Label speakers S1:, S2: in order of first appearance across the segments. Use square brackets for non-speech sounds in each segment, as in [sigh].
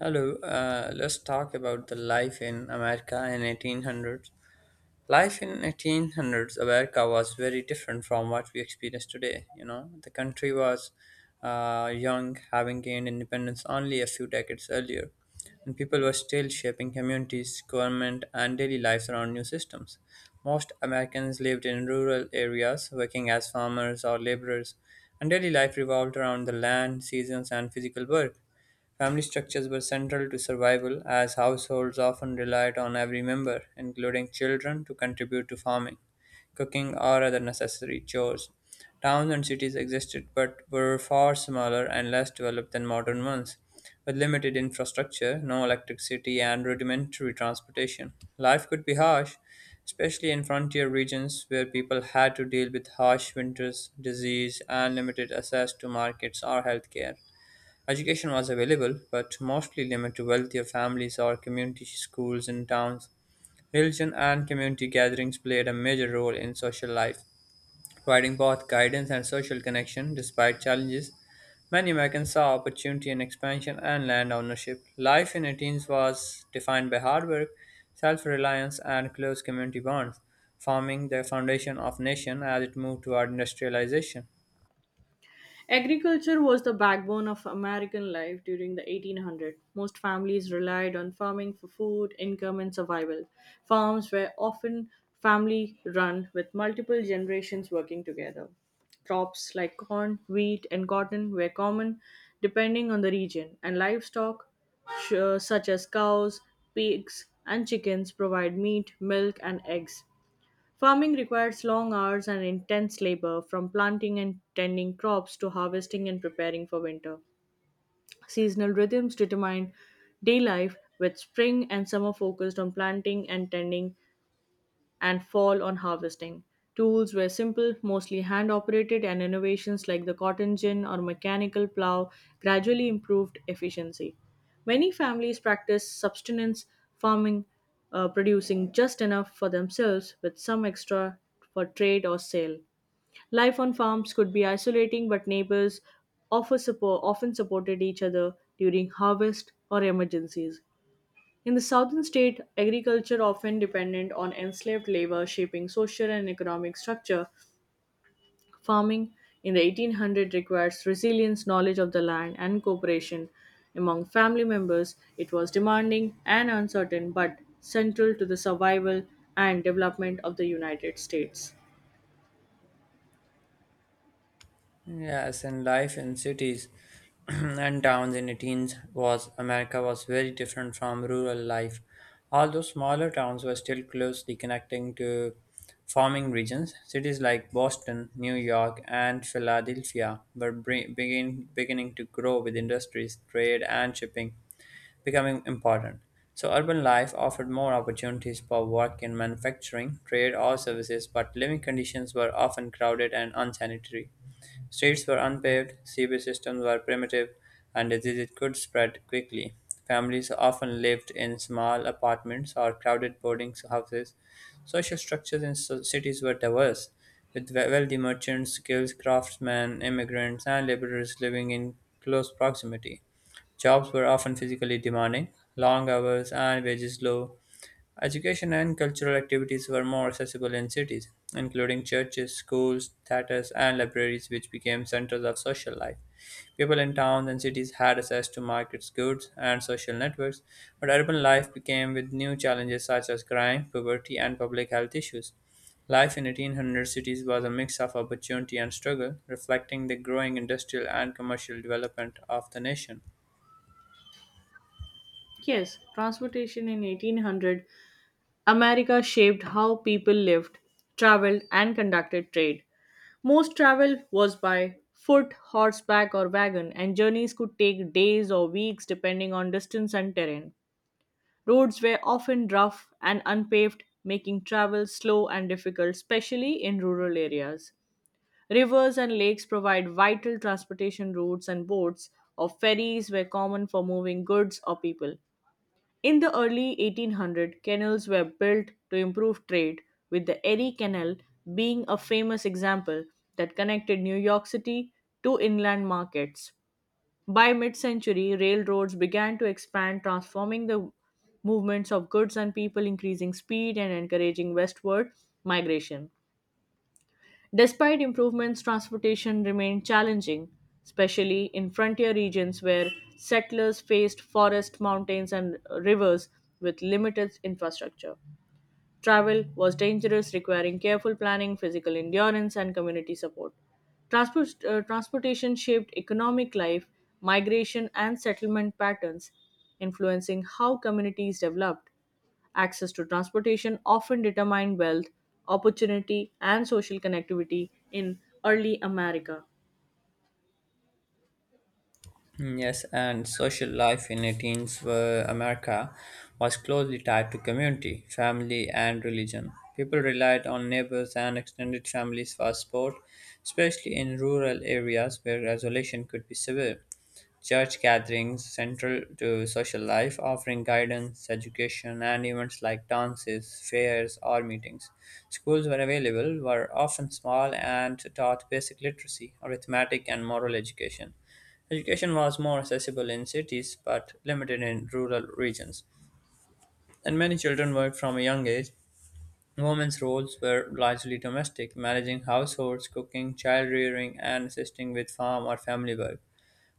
S1: Hello, let's talk about the life in America in 1800s. Life in 1800s America was very different from what we experience today. You know, the country was young, having gained independence only a few decades earlier, and people were still shaping communities, government, and daily lives around new systems. Most Americans lived in rural areas, working as farmers or laborers, and daily life revolved around the land, seasons, and physical work. Family structures were central to survival, as households often relied on every member, including children, to contribute to farming, cooking, or other necessary chores. Towns and cities existed but were far smaller and less developed than modern ones. With limited infrastructure, no electricity, and rudimentary transportation, life could be harsh, especially in frontier regions where people had to deal with harsh winters, disease, and limited access to markets or healthcare. Education was available, but mostly limited to wealthier families or community schools in towns. Religion and community gatherings played a major role in social life, providing both guidance and social connection despite challenges. Many Americans saw opportunity in expansion and land ownership. Life in Athens was defined by hard work, self reliance, and close community bonds, forming the foundation of nation as it moved toward industrialization.
S2: Agriculture was the backbone of American life during the 1800s. Most families relied on farming for food, income, and survival. Farms were often family run with multiple generations working together. Crops like corn, wheat, and cotton were common depending on the region, and livestock such as cows, pigs, and chickens provide meat, milk, and eggs. Farming requires long hours and intense labor, from planting and tending crops to harvesting and preparing for winter. Seasonal rhythms determine day life, with spring and summer focused on planting and tending, and fall on harvesting. Tools were simple, mostly hand operated, and innovations like the cotton gin or mechanical plow gradually improved efficiency. Many families practice subsistence farming, producing just enough for themselves with some extra for trade or sale. Life on farms could be isolating, but neighbors offer support, often supported each other during harvest or emergencies. In the southern state, agriculture often dependent on enslaved labor shaping social and economic structure. Farming in the 1800s requires resilience, knowledge of the land, and cooperation among family members. It was demanding and uncertain, but central to the survival and development of the United States.
S1: Yes, and life in cities [clears throat] and towns in the teens was America was very different from rural life. Although smaller towns were still closely connecting to farming regions, cities like Boston, New York, and Philadelphia were beginning to grow with industries, trade, and shipping becoming important. So, urban life offered more opportunities for work in manufacturing, trade, or services, but living conditions were often crowded and unsanitary. Streets were unpaved, sewage systems were primitive, and diseases could spread quickly. Families often lived in small apartments or crowded boarding houses. Social structures in cities were diverse, with wealthy merchants, skilled craftsmen, immigrants, and laborers living in close proximity. Jobs were often physically demanding, long hours, and wages low. Education and cultural activities were more accessible in cities, including churches, schools, theaters, and libraries, which became centers of social life. People in towns and cities had access to markets, goods, and social networks, but urban life became with new challenges such as crime, poverty, and public health issues. Life in 1800 cities was a mix of opportunity and struggle, reflecting the growing industrial and commercial development of the nation.
S2: Yes, transportation in 1800, America shaped how people lived, traveled, and conducted trade. Most travel was by foot, horseback, or wagon, and journeys could take days or weeks depending on distance and terrain. Roads were often rough and unpaved, making travel slow and difficult, especially in rural areas. Rivers and lakes provide vital transportation routes, and boats or ferries were common for moving goods or people. In the early 1800s, canals were built to improve trade, with the Erie Canal being a famous example that connected New York City to inland markets. By mid century, railroads began to expand, transforming the movements of goods and people, increasing speed and encouraging westward migration. Despite improvements, transportation remained challenging, especially in frontier regions where settlers faced forests, mountains, and rivers with limited infrastructure. Travel was dangerous, requiring careful planning, physical endurance, and community support. Transportation shaped economic life, migration, and settlement patterns, influencing how communities developed. Access to transportation often determined wealth, opportunity, and social connectivity in early America.
S1: Mm, yes, and social life in 18th America was closely tied to community, family, and religion. People relied on neighbors and extended families for support, especially in rural areas where isolation could be severe. Church gatherings central to social life, offering guidance, education, and events like dances, fairs, or meetings. Schools were available, were often small, and taught basic literacy, arithmetic, and moral education. Education was more accessible in cities but limited in rural regions, and many children worked from a young age. Women's roles were largely domestic, managing households, cooking, child rearing, and assisting with farm or family work.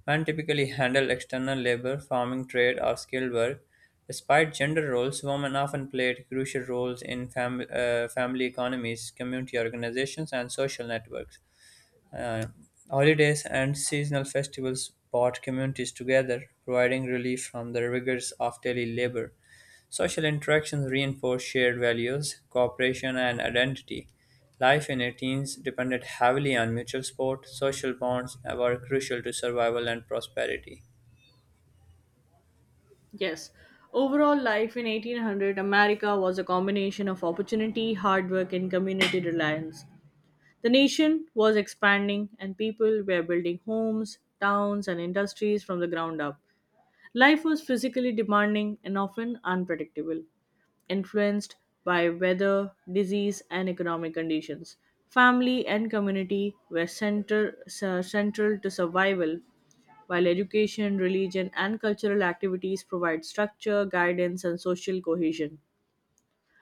S1: Men typically handled external labor, farming, trade, or skilled work. Despite gender roles, women often played crucial roles in family economies, community organizations, and social networks. Uh, Holidays and seasonal festivals brought communities together, providing relief from the rigors of daily labor. Social interactions reinforce shared values, cooperation, and identity. Life in 18s depended heavily on mutual support. Social bonds were crucial to survival and prosperity.
S2: Yes, overall life in 1800 America was a combination of opportunity, hard work, and community reliance. The nation was expanding, and people were building homes, towns, and industries from the ground up. Life was physically demanding and often unpredictable, influenced by weather, disease, and economic conditions. Family and community were central to survival, while education, religion, and cultural activities provide structure, guidance, and social cohesion.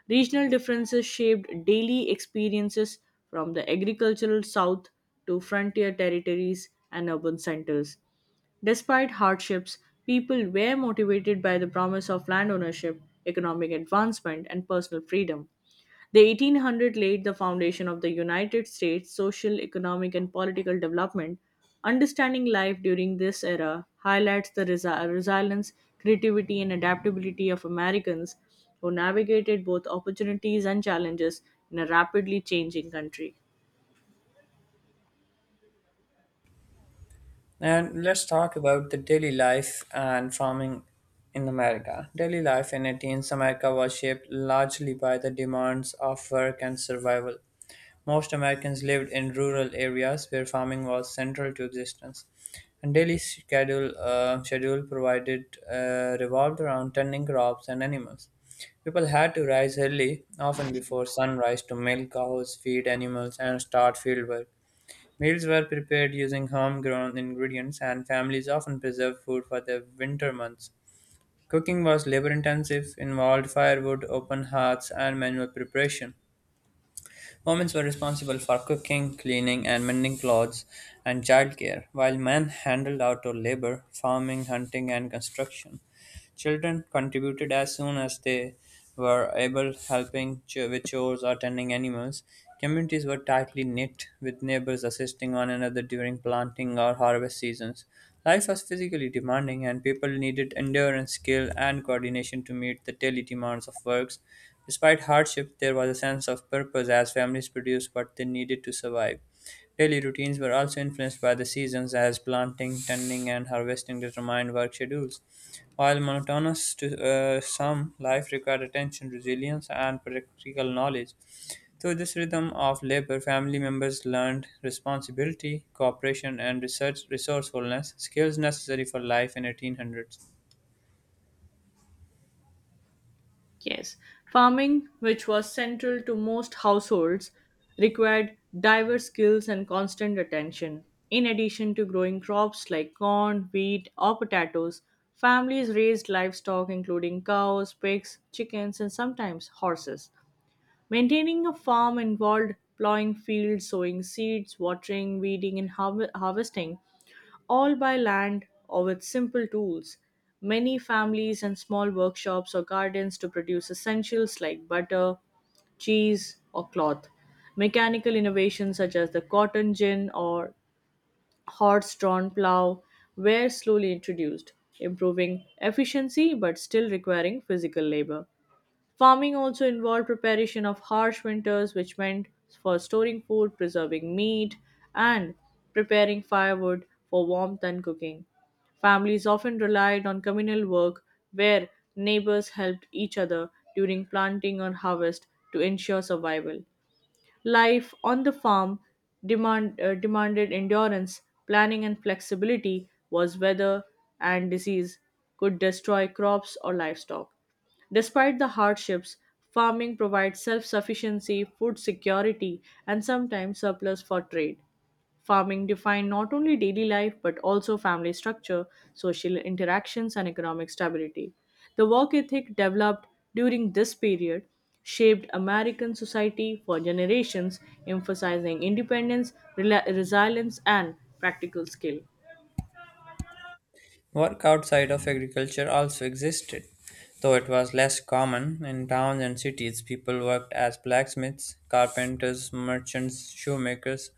S2: Regional differences shaped daily experiences from the agricultural south to frontier territories and urban centers. Despite hardships, people were motivated by the promise of land ownership, economic advancement, and personal freedom. The 1800 laid the foundation of the United States social, economic, and political development. Understanding life during this era highlights the resilience, creativity, and adaptability of Americans who navigated both opportunities and challenges in a rapidly changing country.
S1: And let's talk about the daily life and farming in America. Daily life in 18th America was shaped largely by the demands of work and survival. Most Americans lived in rural areas where farming was central to existence. And daily schedule provided revolved around tending crops and animals. People had to rise early, often before sunrise, to milk cows, feed animals, and start field work. Meals were prepared using homegrown ingredients, and families often preserved food for the winter months. Cooking was labor intensive, involved firewood, open hearths, and manual preparation. Women were responsible for cooking, cleaning, and mending clothes and childcare, while men handled outdoor labor, farming, hunting, and construction. Children contributed as soon as they were able, helping with chores or tending animals. Communities were tightly knit, with neighbors assisting one another during planting or harvest seasons. Life was physically demanding, and people needed endurance, skill, and coordination to meet the daily demands of works. Despite hardship, there was a sense of purpose as families produced what they needed to survive. Daily routines were also influenced by the seasons, as planting, tending, and harvesting determined work schedules. While monotonous to some, life required attention, resilience, and practical knowledge. Through this rhythm of labor, family members learned responsibility, cooperation, and research resourcefulness, skills necessary for life in 1800s.
S2: Yes, farming, which was central to most households, required diverse skills and constant attention. In addition to growing crops like corn, wheat, or potatoes, families raised livestock including cows, pigs, chickens, and sometimes horses. Maintaining a farm involved plowing fields, sowing seeds, watering, weeding, and harvesting all by land or with simple tools. Many families and small workshops or gardens to produce essentials like butter, cheese, or cloth. Mechanical innovations such as the cotton gin or horse drawn plow were slowly introduced, improving efficiency but still requiring physical labor. Farming also involved preparation of harsh winters, which meant for storing food, preserving meat, and preparing firewood for warmth and cooking. Families often relied on communal work where neighbors helped each other during planting or harvest to ensure survival. Life on the farm demanded endurance, planning, and flexibility, was weather and disease could destroy crops or livestock. Despite the hardships, farming provides self sufficiency, food security, and sometimes surplus for trade. Farming defined not only daily life but also family structure, social interactions, and economic stability. The work ethic developed during this period shaped American society for generations, emphasizing independence, resilience, and practical skill.
S1: Work outside of agriculture also existed, though it was less common. In towns and cities, people worked as blacksmiths, carpenters, merchants, shoemakers,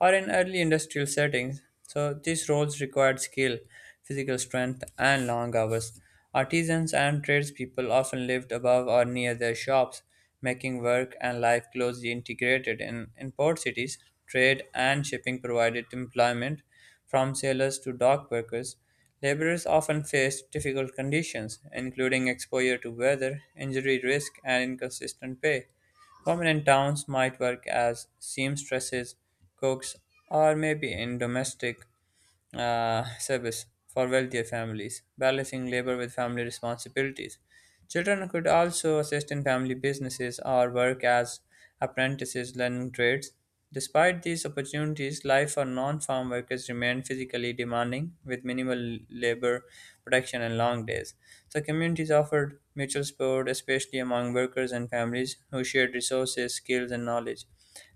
S1: or in early industrial settings. So these roles required skill, physical strength, and long hours. Artisans and tradespeople often lived above or near their shops, making work and life closely integrated. In port cities, trade and shipping provided employment from sailors to dock workers, laborers often faced difficult conditions, including exposure to weather, injury risk, and inconsistent pay. Women in towns might work as seamstresses, cooks, or maybe in domestic service for wealthier families, balancing labor with family responsibilities. Children could also assist in family businesses or work as apprentices learning trades. Despite these opportunities, life for non farm workers remained physically demanding with minimal labor protection and long days. So, communities offered mutual support, especially among workers and families who shared resources, skills, and knowledge.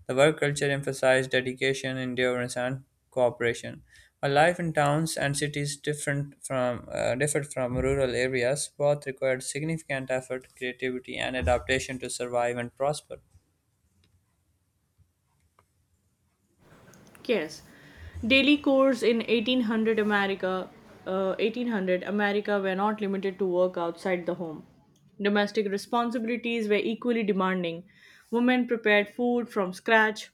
S1: The work culture emphasized dedication, endurance, and cooperation. While life in towns and cities differed from rural areas, both required significant effort, creativity, and adaptation to survive and prosper.
S2: Yes, daily chores in 1800 America were not limited to work outside the home. Domestic responsibilities were equally demanding. Women prepared food from scratch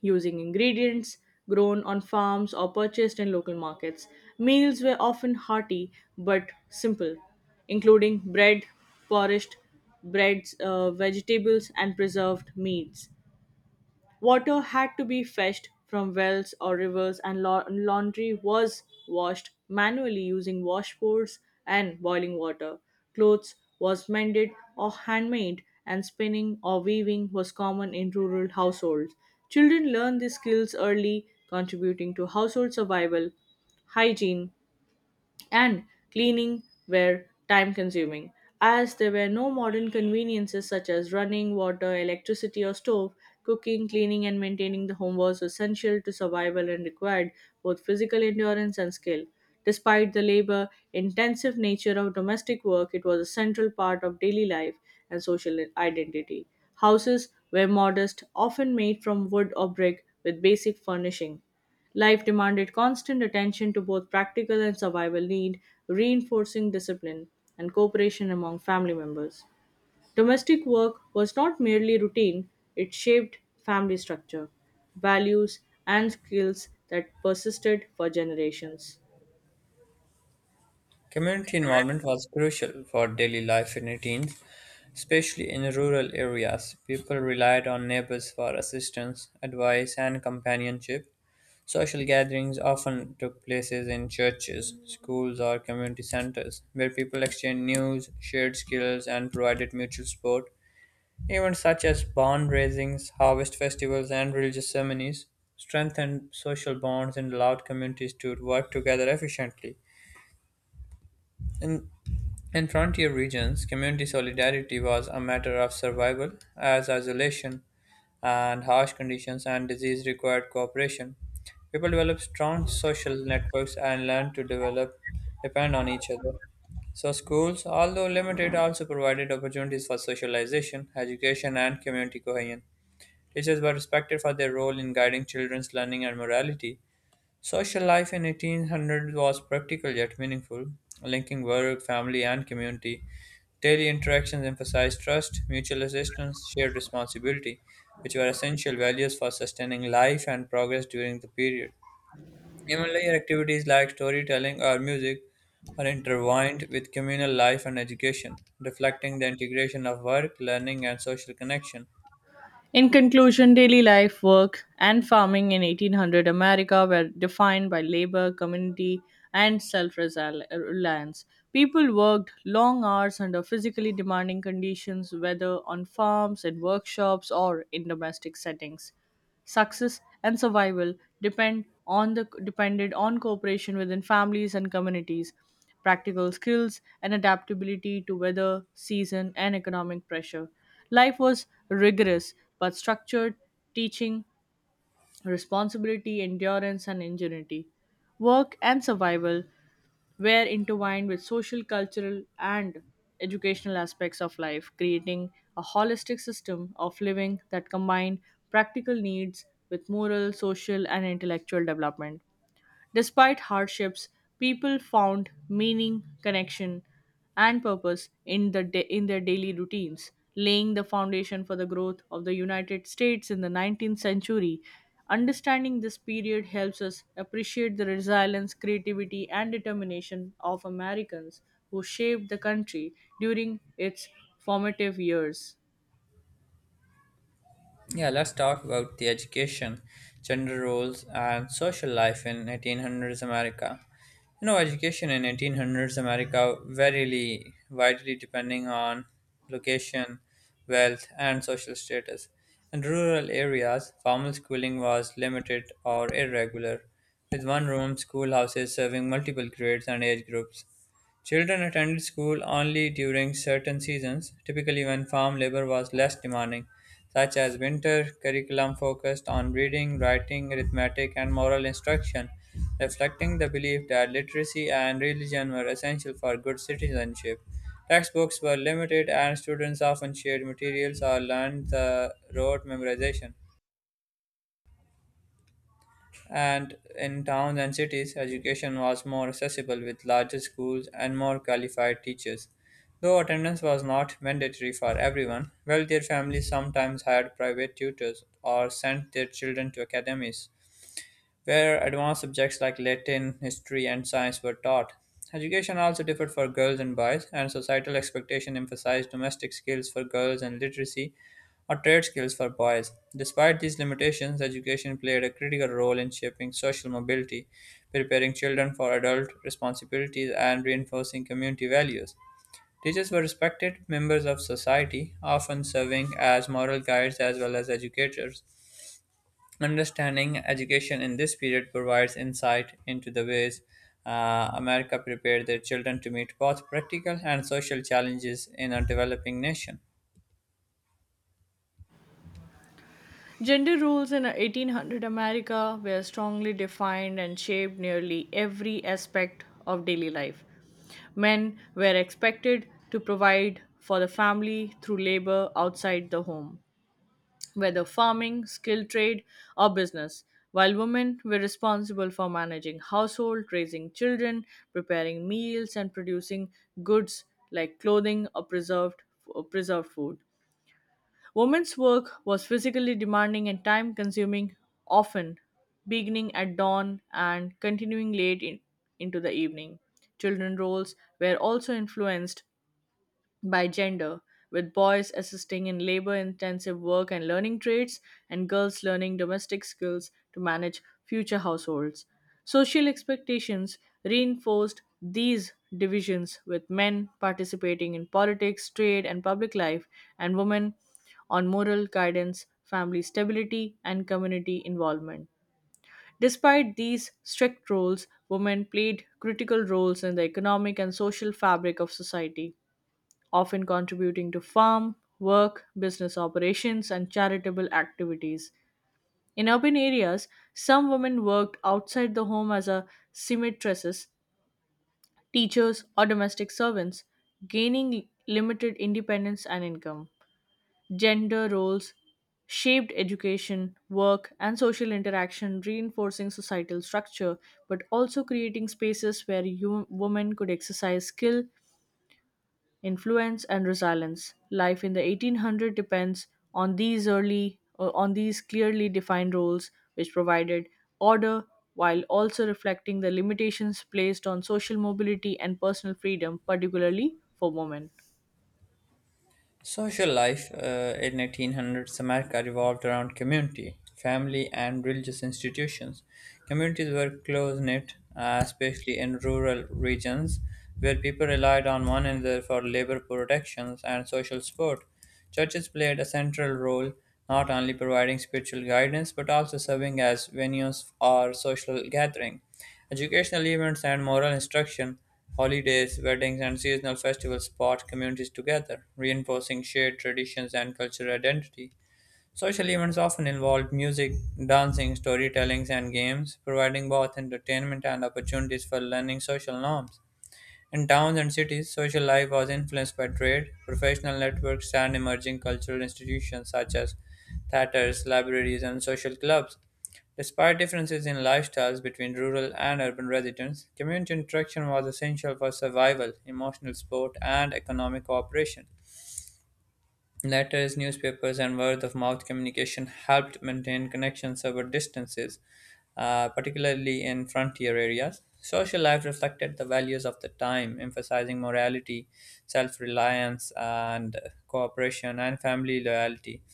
S2: using ingredients grown on farms or purchased in local markets. Meals were often hearty but simple, including bread, polished breads, vegetables, and preserved meats. Water had to be fetched from wells or rivers, and laundry was washed manually using washboards and boiling water. Clothes was mended or handmade, and spinning or weaving was common in rural households. Children learned these skills early, contributing to household survival, hygiene, and cleaning were time consuming. As there were no modern conveniences such as running water, electricity, or stove, cooking, cleaning, and maintaining the home was essential to survival and required both physical endurance and skill. Despite the labor intensive nature of domestic work, it was a central part of daily life and social identity. Houses were modest, often made from wood or brick with basic furnishing. Life demanded constant attention to both practical and survival need, reinforcing discipline and cooperation among family members. Domestic work was not merely routine, it shaped family structure, values, and skills that persisted for generations.
S1: Community involvement was crucial for daily life in teens, especially in rural areas. People relied on neighbors for assistance, advice, and companionship. Social gatherings often took places in churches, schools, or community centers, where people exchanged news, shared skills, and provided mutual support. Events such as bond raisings, harvest festivals, and religious ceremonies strengthened social bonds and allowed communities to work together efficiently. In, in frontier regions, community solidarity was a matter of survival, as isolation and harsh conditions and disease required cooperation. People developed strong social networks and learned to develop depend on each other. So schools, although limited, also provided opportunities for socialization, education, and community cohesion. Teachers were respected for their role in guiding children's learning and morality. Social life in 1800 was practical yet meaningful, linking work, family, and community. Daily interactions emphasized trust, mutual assistance, shared responsibility, which were essential values for sustaining life and progress during the period. Even later activities like storytelling or music are intertwined with communal life and education, reflecting the integration of work, learning, and social connection.
S2: In conclusion, daily life, work, and farming in 1800 America were defined by labor, community, and self reliance. People worked long hours under physically demanding conditions, whether on farms, in workshops, or in domestic settings. Success and survival depended on cooperation within families and communities, practical skills and adaptability to weather, season and economic pressure. Life was rigorous but structured, teaching responsibility, endurance and ingenuity. Work and survival were intertwined with social, cultural, and educational aspects of life, creating a holistic system of living that combined practical needs with moral, social, and intellectual development. Despite hardships, people found meaning, connection, and purpose in their daily routines, laying the foundation for the growth of the United States in the 19th century. Understanding this period helps us appreciate the resilience, creativity, and determination of Americans who shaped the country during its formative years.
S1: Yeah, let's talk about the education, gender roles, and social life in 1800s America. You know, education in 1800s America widely depending on location, wealth, and social status. In rural areas, formal schooling was limited or irregular, with one-room schoolhouses serving multiple grades and age groups. Children attended school only during certain seasons, typically when farm labor was less demanding, such as winter. Curriculum focused on reading, writing, arithmetic, and moral instruction, reflecting the belief that literacy and religion were essential for good citizenship. Textbooks were limited, and students often shared materials or learned the rote memorization. And in towns and cities, education was more accessible with larger schools and more qualified teachers. Though attendance was not mandatory for everyone, wealthier families sometimes hired private tutors or sent their children to academies where advanced subjects like Latin, history, and science were taught. Education also differed for girls and boys, and societal expectation emphasized domestic skills for girls and literacy or trade skills for boys. Despite these limitations, education played a critical role in shaping social mobility, preparing children for adult responsibilities, and reinforcing community values. Teachers were respected members of society, often serving as moral guides as well as educators. Understanding education in this period provides insight into the ways America prepared their children to meet both practical and social challenges in a developing nation.
S2: Gender roles in 1800 America were strongly defined and shaped nearly every aspect of daily life. Men were expected to provide for the family through labor outside the home, whether farming, skilled trade, or business, while women were responsible for managing household, raising children, preparing meals, and producing goods like clothing or preserved food. Women's work was physically demanding and time consuming, often beginning at dawn and continuing late into the evening. Children roles were also influenced by gender, with boys assisting in labor intensive work and learning trades, and girls learning domestic skills to manage future households. Social expectations reinforced these divisions, with men participating in politics, trade, and public life, and women on moral guidance, family stability, and community involvement. Despite these strict roles, women played critical roles in the economic and social fabric of society often contributing to farm, work, business operations, and charitable activities. In urban areas, some women worked outside the home as a seamstresses, teachers, or domestic servants, gaining limited independence and income. Gender roles shaped education, work, and social interaction, reinforcing societal structure, but also creating spaces where women could exercise skill, influence and resilience. Life in the 1800 depends on these clearly defined roles which provided order while also reflecting the limitations placed on social mobility and personal freedom particularly for women.
S1: Social life in 1800s America revolved around community, family, and religious institutions. Communities were close knit, especially in rural regions, where people relied on one another for labor protections and social support. Churches played a central role, not only providing spiritual guidance but also serving as venues or social gathering. Educational events and moral instruction, holidays, weddings, and seasonal festivals brought communities together, reinforcing shared traditions and cultural identity. Social events often involved music, dancing, storytellings, and games, providing both entertainment and opportunities for learning social norms. In towns and cities, social life was influenced by trade, professional networks, and emerging cultural institutions such as theaters, libraries, and social clubs. Despite differences in lifestyles between rural and urban residents, community interaction was essential for survival, emotional support, and economic cooperation. Letters, newspapers, and word of mouth communication helped maintain connections over distances, particularly in frontier areas. Social life reflected the values of the time, emphasizing morality, self reliance, and cooperation, and family loyalty.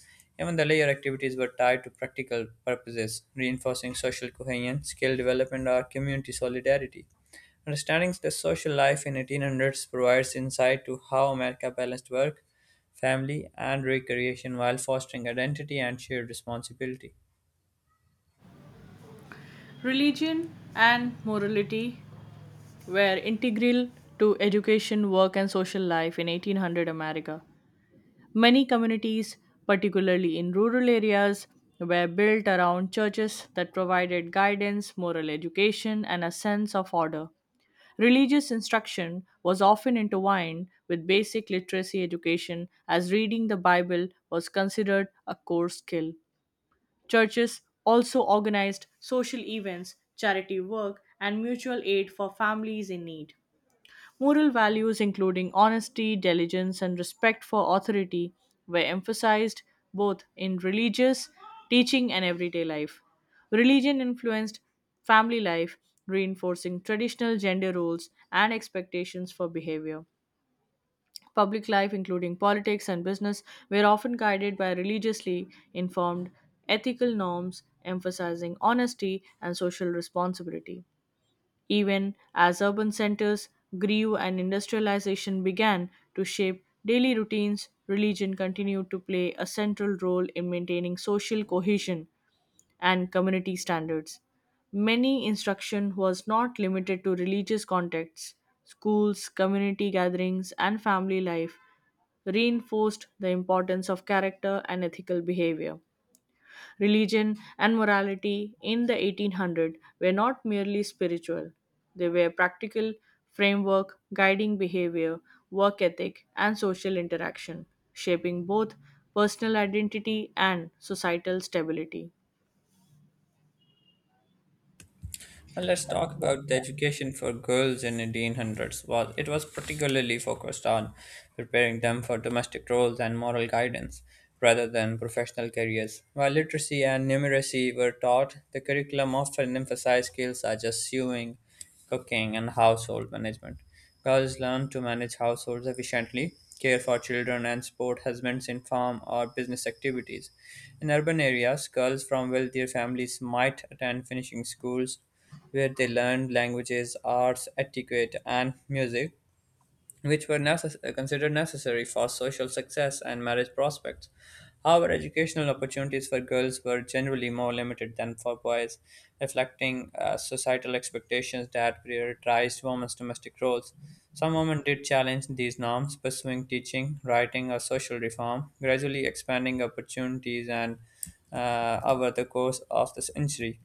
S1: Even the leisure activities were tied to practical purposes, reinforcing social cohesion, skill development, or community solidarity. Understanding the social life in 1800s provides insight to how America balanced work, family, and recreation while fostering identity and shared responsibility.
S2: Religion and morality were integral to education, work and social life in 1800 America. Many communities, particularly in rural areas, were built around churches that provided guidance, moral education, and a sense of order. Religious instruction was often intertwined with basic literacy education, as reading the Bible was considered a core skill. Churches also organized social events, charity work, and mutual aid for families in need. Moral values, including honesty, diligence, and respect for authority, were emphasized both in religious teaching and everyday life. Religion influenced family life, reinforcing traditional gender roles and expectations for behavior. Public life, including politics and business, were often guided by religiously informed ethical norms, emphasizing honesty and social responsibility even as urban centers grew and industrialization began to shape daily routines, religion continued to play a central role in maintaining social cohesion and community standards. Many instruction was not limited to religious contexts. Schools, community gatherings, and family life reinforced the importance of character and ethical behavior. Religion and morality in the 1800s were not merely spiritual, they were practical framework guiding behavior, work ethic, and social interaction, shaping both personal identity and societal stability.
S1: Well, let's talk about the education for girls in 1800s. Was it was particularly focused on preparing them for domestic roles and moral guidance rather than professional careers. While literacy and numeracy were taught, the curriculum often emphasized skills such as sewing, cooking, and household management. Girls learn to manage households efficiently, care for children, and support husbands in farm or business activities. In urban areas, girls from wealthier families might attend finishing schools where they learned languages, arts, etiquette, and music, which were considered necessary for social success and marriage prospects. However, educational opportunities for girls were generally more limited than for boys, reflecting societal expectations that prioritized women's domestic roles. Some women did challenge these norms, pursuing teaching, writing, or social reform, gradually expanding opportunities and over the course of the century.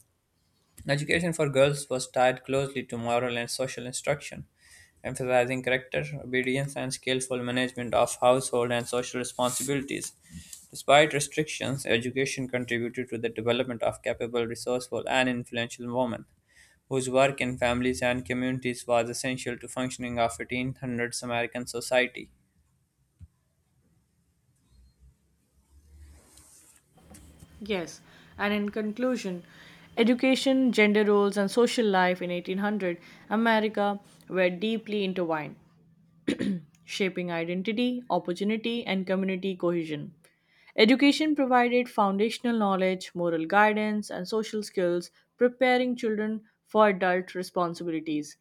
S1: Education for girls was tied closely to moral and social instruction, emphasizing character, obedience, and skillful management of household and social responsibilities. Despite restrictions, education contributed to the development of capable, resourceful, and influential women, whose work in families and communities was essential to functioning of 1800s American society.
S2: Yes, and in conclusion, education, gender roles, and social life in 1800 America were deeply intertwined. Shaping identity, opportunity, and community cohesion. Education provided foundational knowledge, moral guidance, and social skills, preparing children for adult responsibilities.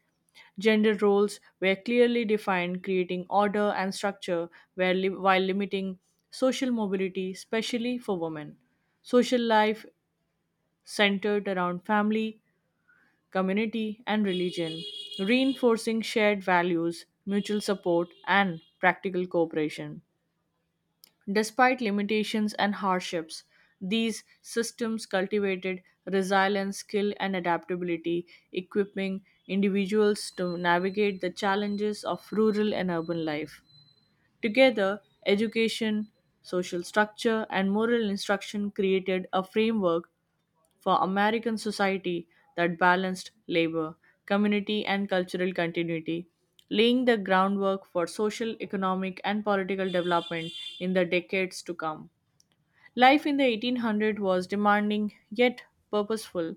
S2: Gender roles were clearly defined, creating order and structure where while limiting social mobility, especially for women. Social life centered around family, community, and religion, reinforcing shared values, mutual support, and practical cooperation. Despite limitations and hardships, these systems cultivated resilience, skill, and adaptability, equipping individuals to navigate the challenges of rural and urban life. Together, education, social structure, and moral instruction created a framework for American society that balanced labor, community, and cultural continuity, laying the groundwork for social, economic, and political development in the decades to come. Life in the 1800s was demanding yet purposeful,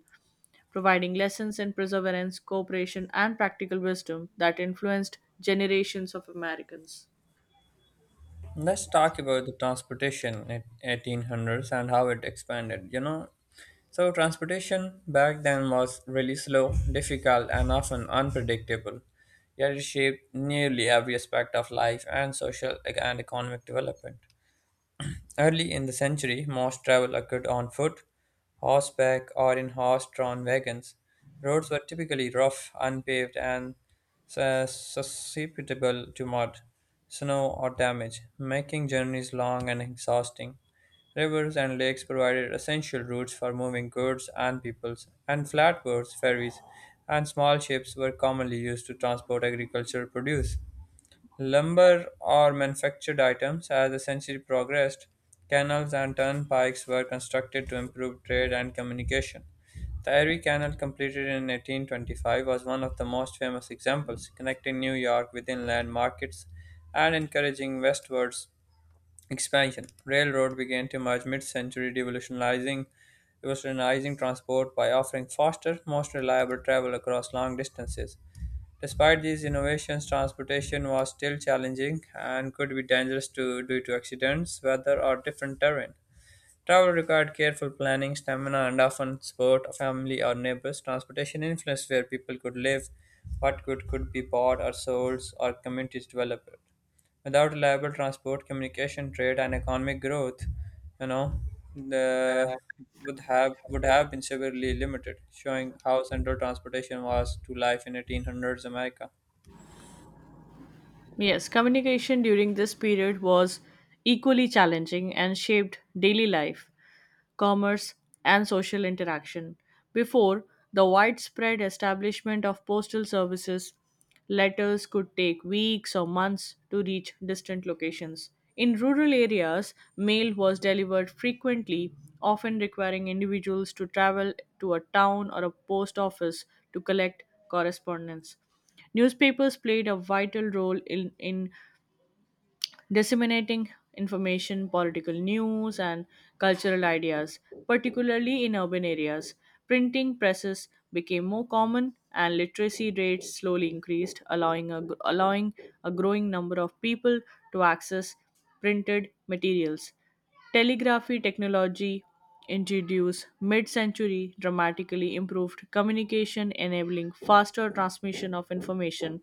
S2: providing lessons in perseverance, cooperation, and practical wisdom that influenced generations of Americans.
S1: Let's talk about the transportation at 1800s and how it expanded. So transportation back then was really slow, difficult, and often unpredictable. Yet it shaped nearly every aspect of life and social and economic development. Early in the century, most travel occurred on foot, horseback, or in horse drawn wagons. Roads were typically rough, unpaved, and susceptible to mud, snow, or damage, making journeys long and exhausting. Rivers and lakes provided essential routes for moving goods and peoples, and flatboats, ferries, and small ships were commonly used to transport agricultural produce. Lumber or manufactured items. As the century progressed, canals and turnpikes were constructed to improve trade and communication. The Erie Canal, completed in 1825, was one of the most famous examples, connecting New York with inland markets and encouraging westwards expansion. Railroad began to emerge mid-century, revolutionizing transport by offering faster, most reliable travel across long distances. Despite these innovations, transportation was still challenging and could be dangerous to, due to accidents, weather, or different terrain. Travel required careful planning, stamina, and often support, family, or neighbors. Transportation influenced where people could live, what good could be bought or sold, or communities developed. Without reliable transport, communication, trade, and economic growth, you know, the would have been severely limited, showing how central transportation was to life in 1800s America.
S2: Yes, communication during this period was equally challenging and shaped daily life, commerce, and social interaction before the widespread establishment of postal services letters could take weeks or months to reach distant locations. In rural areas, mail was delivered frequently, often requiring individuals to travel to a town or a post office to collect correspondence. Newspapers played a vital role in disseminating information, political news, and cultural ideas, particularly in urban areas. Printing presses became more common, and literacy rates slowly increased, allowing a growing number of people to access printed materials. Telegraphy technology introduced mid century dramatically improved communication, enabling faster transmission of information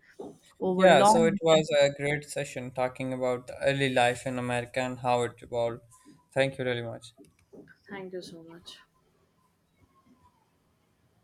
S2: over
S1: Yeah, so
S2: long
S1: it
S2: distances.
S1: was a great session talking about the early life in America and how it evolved. Thank you really much.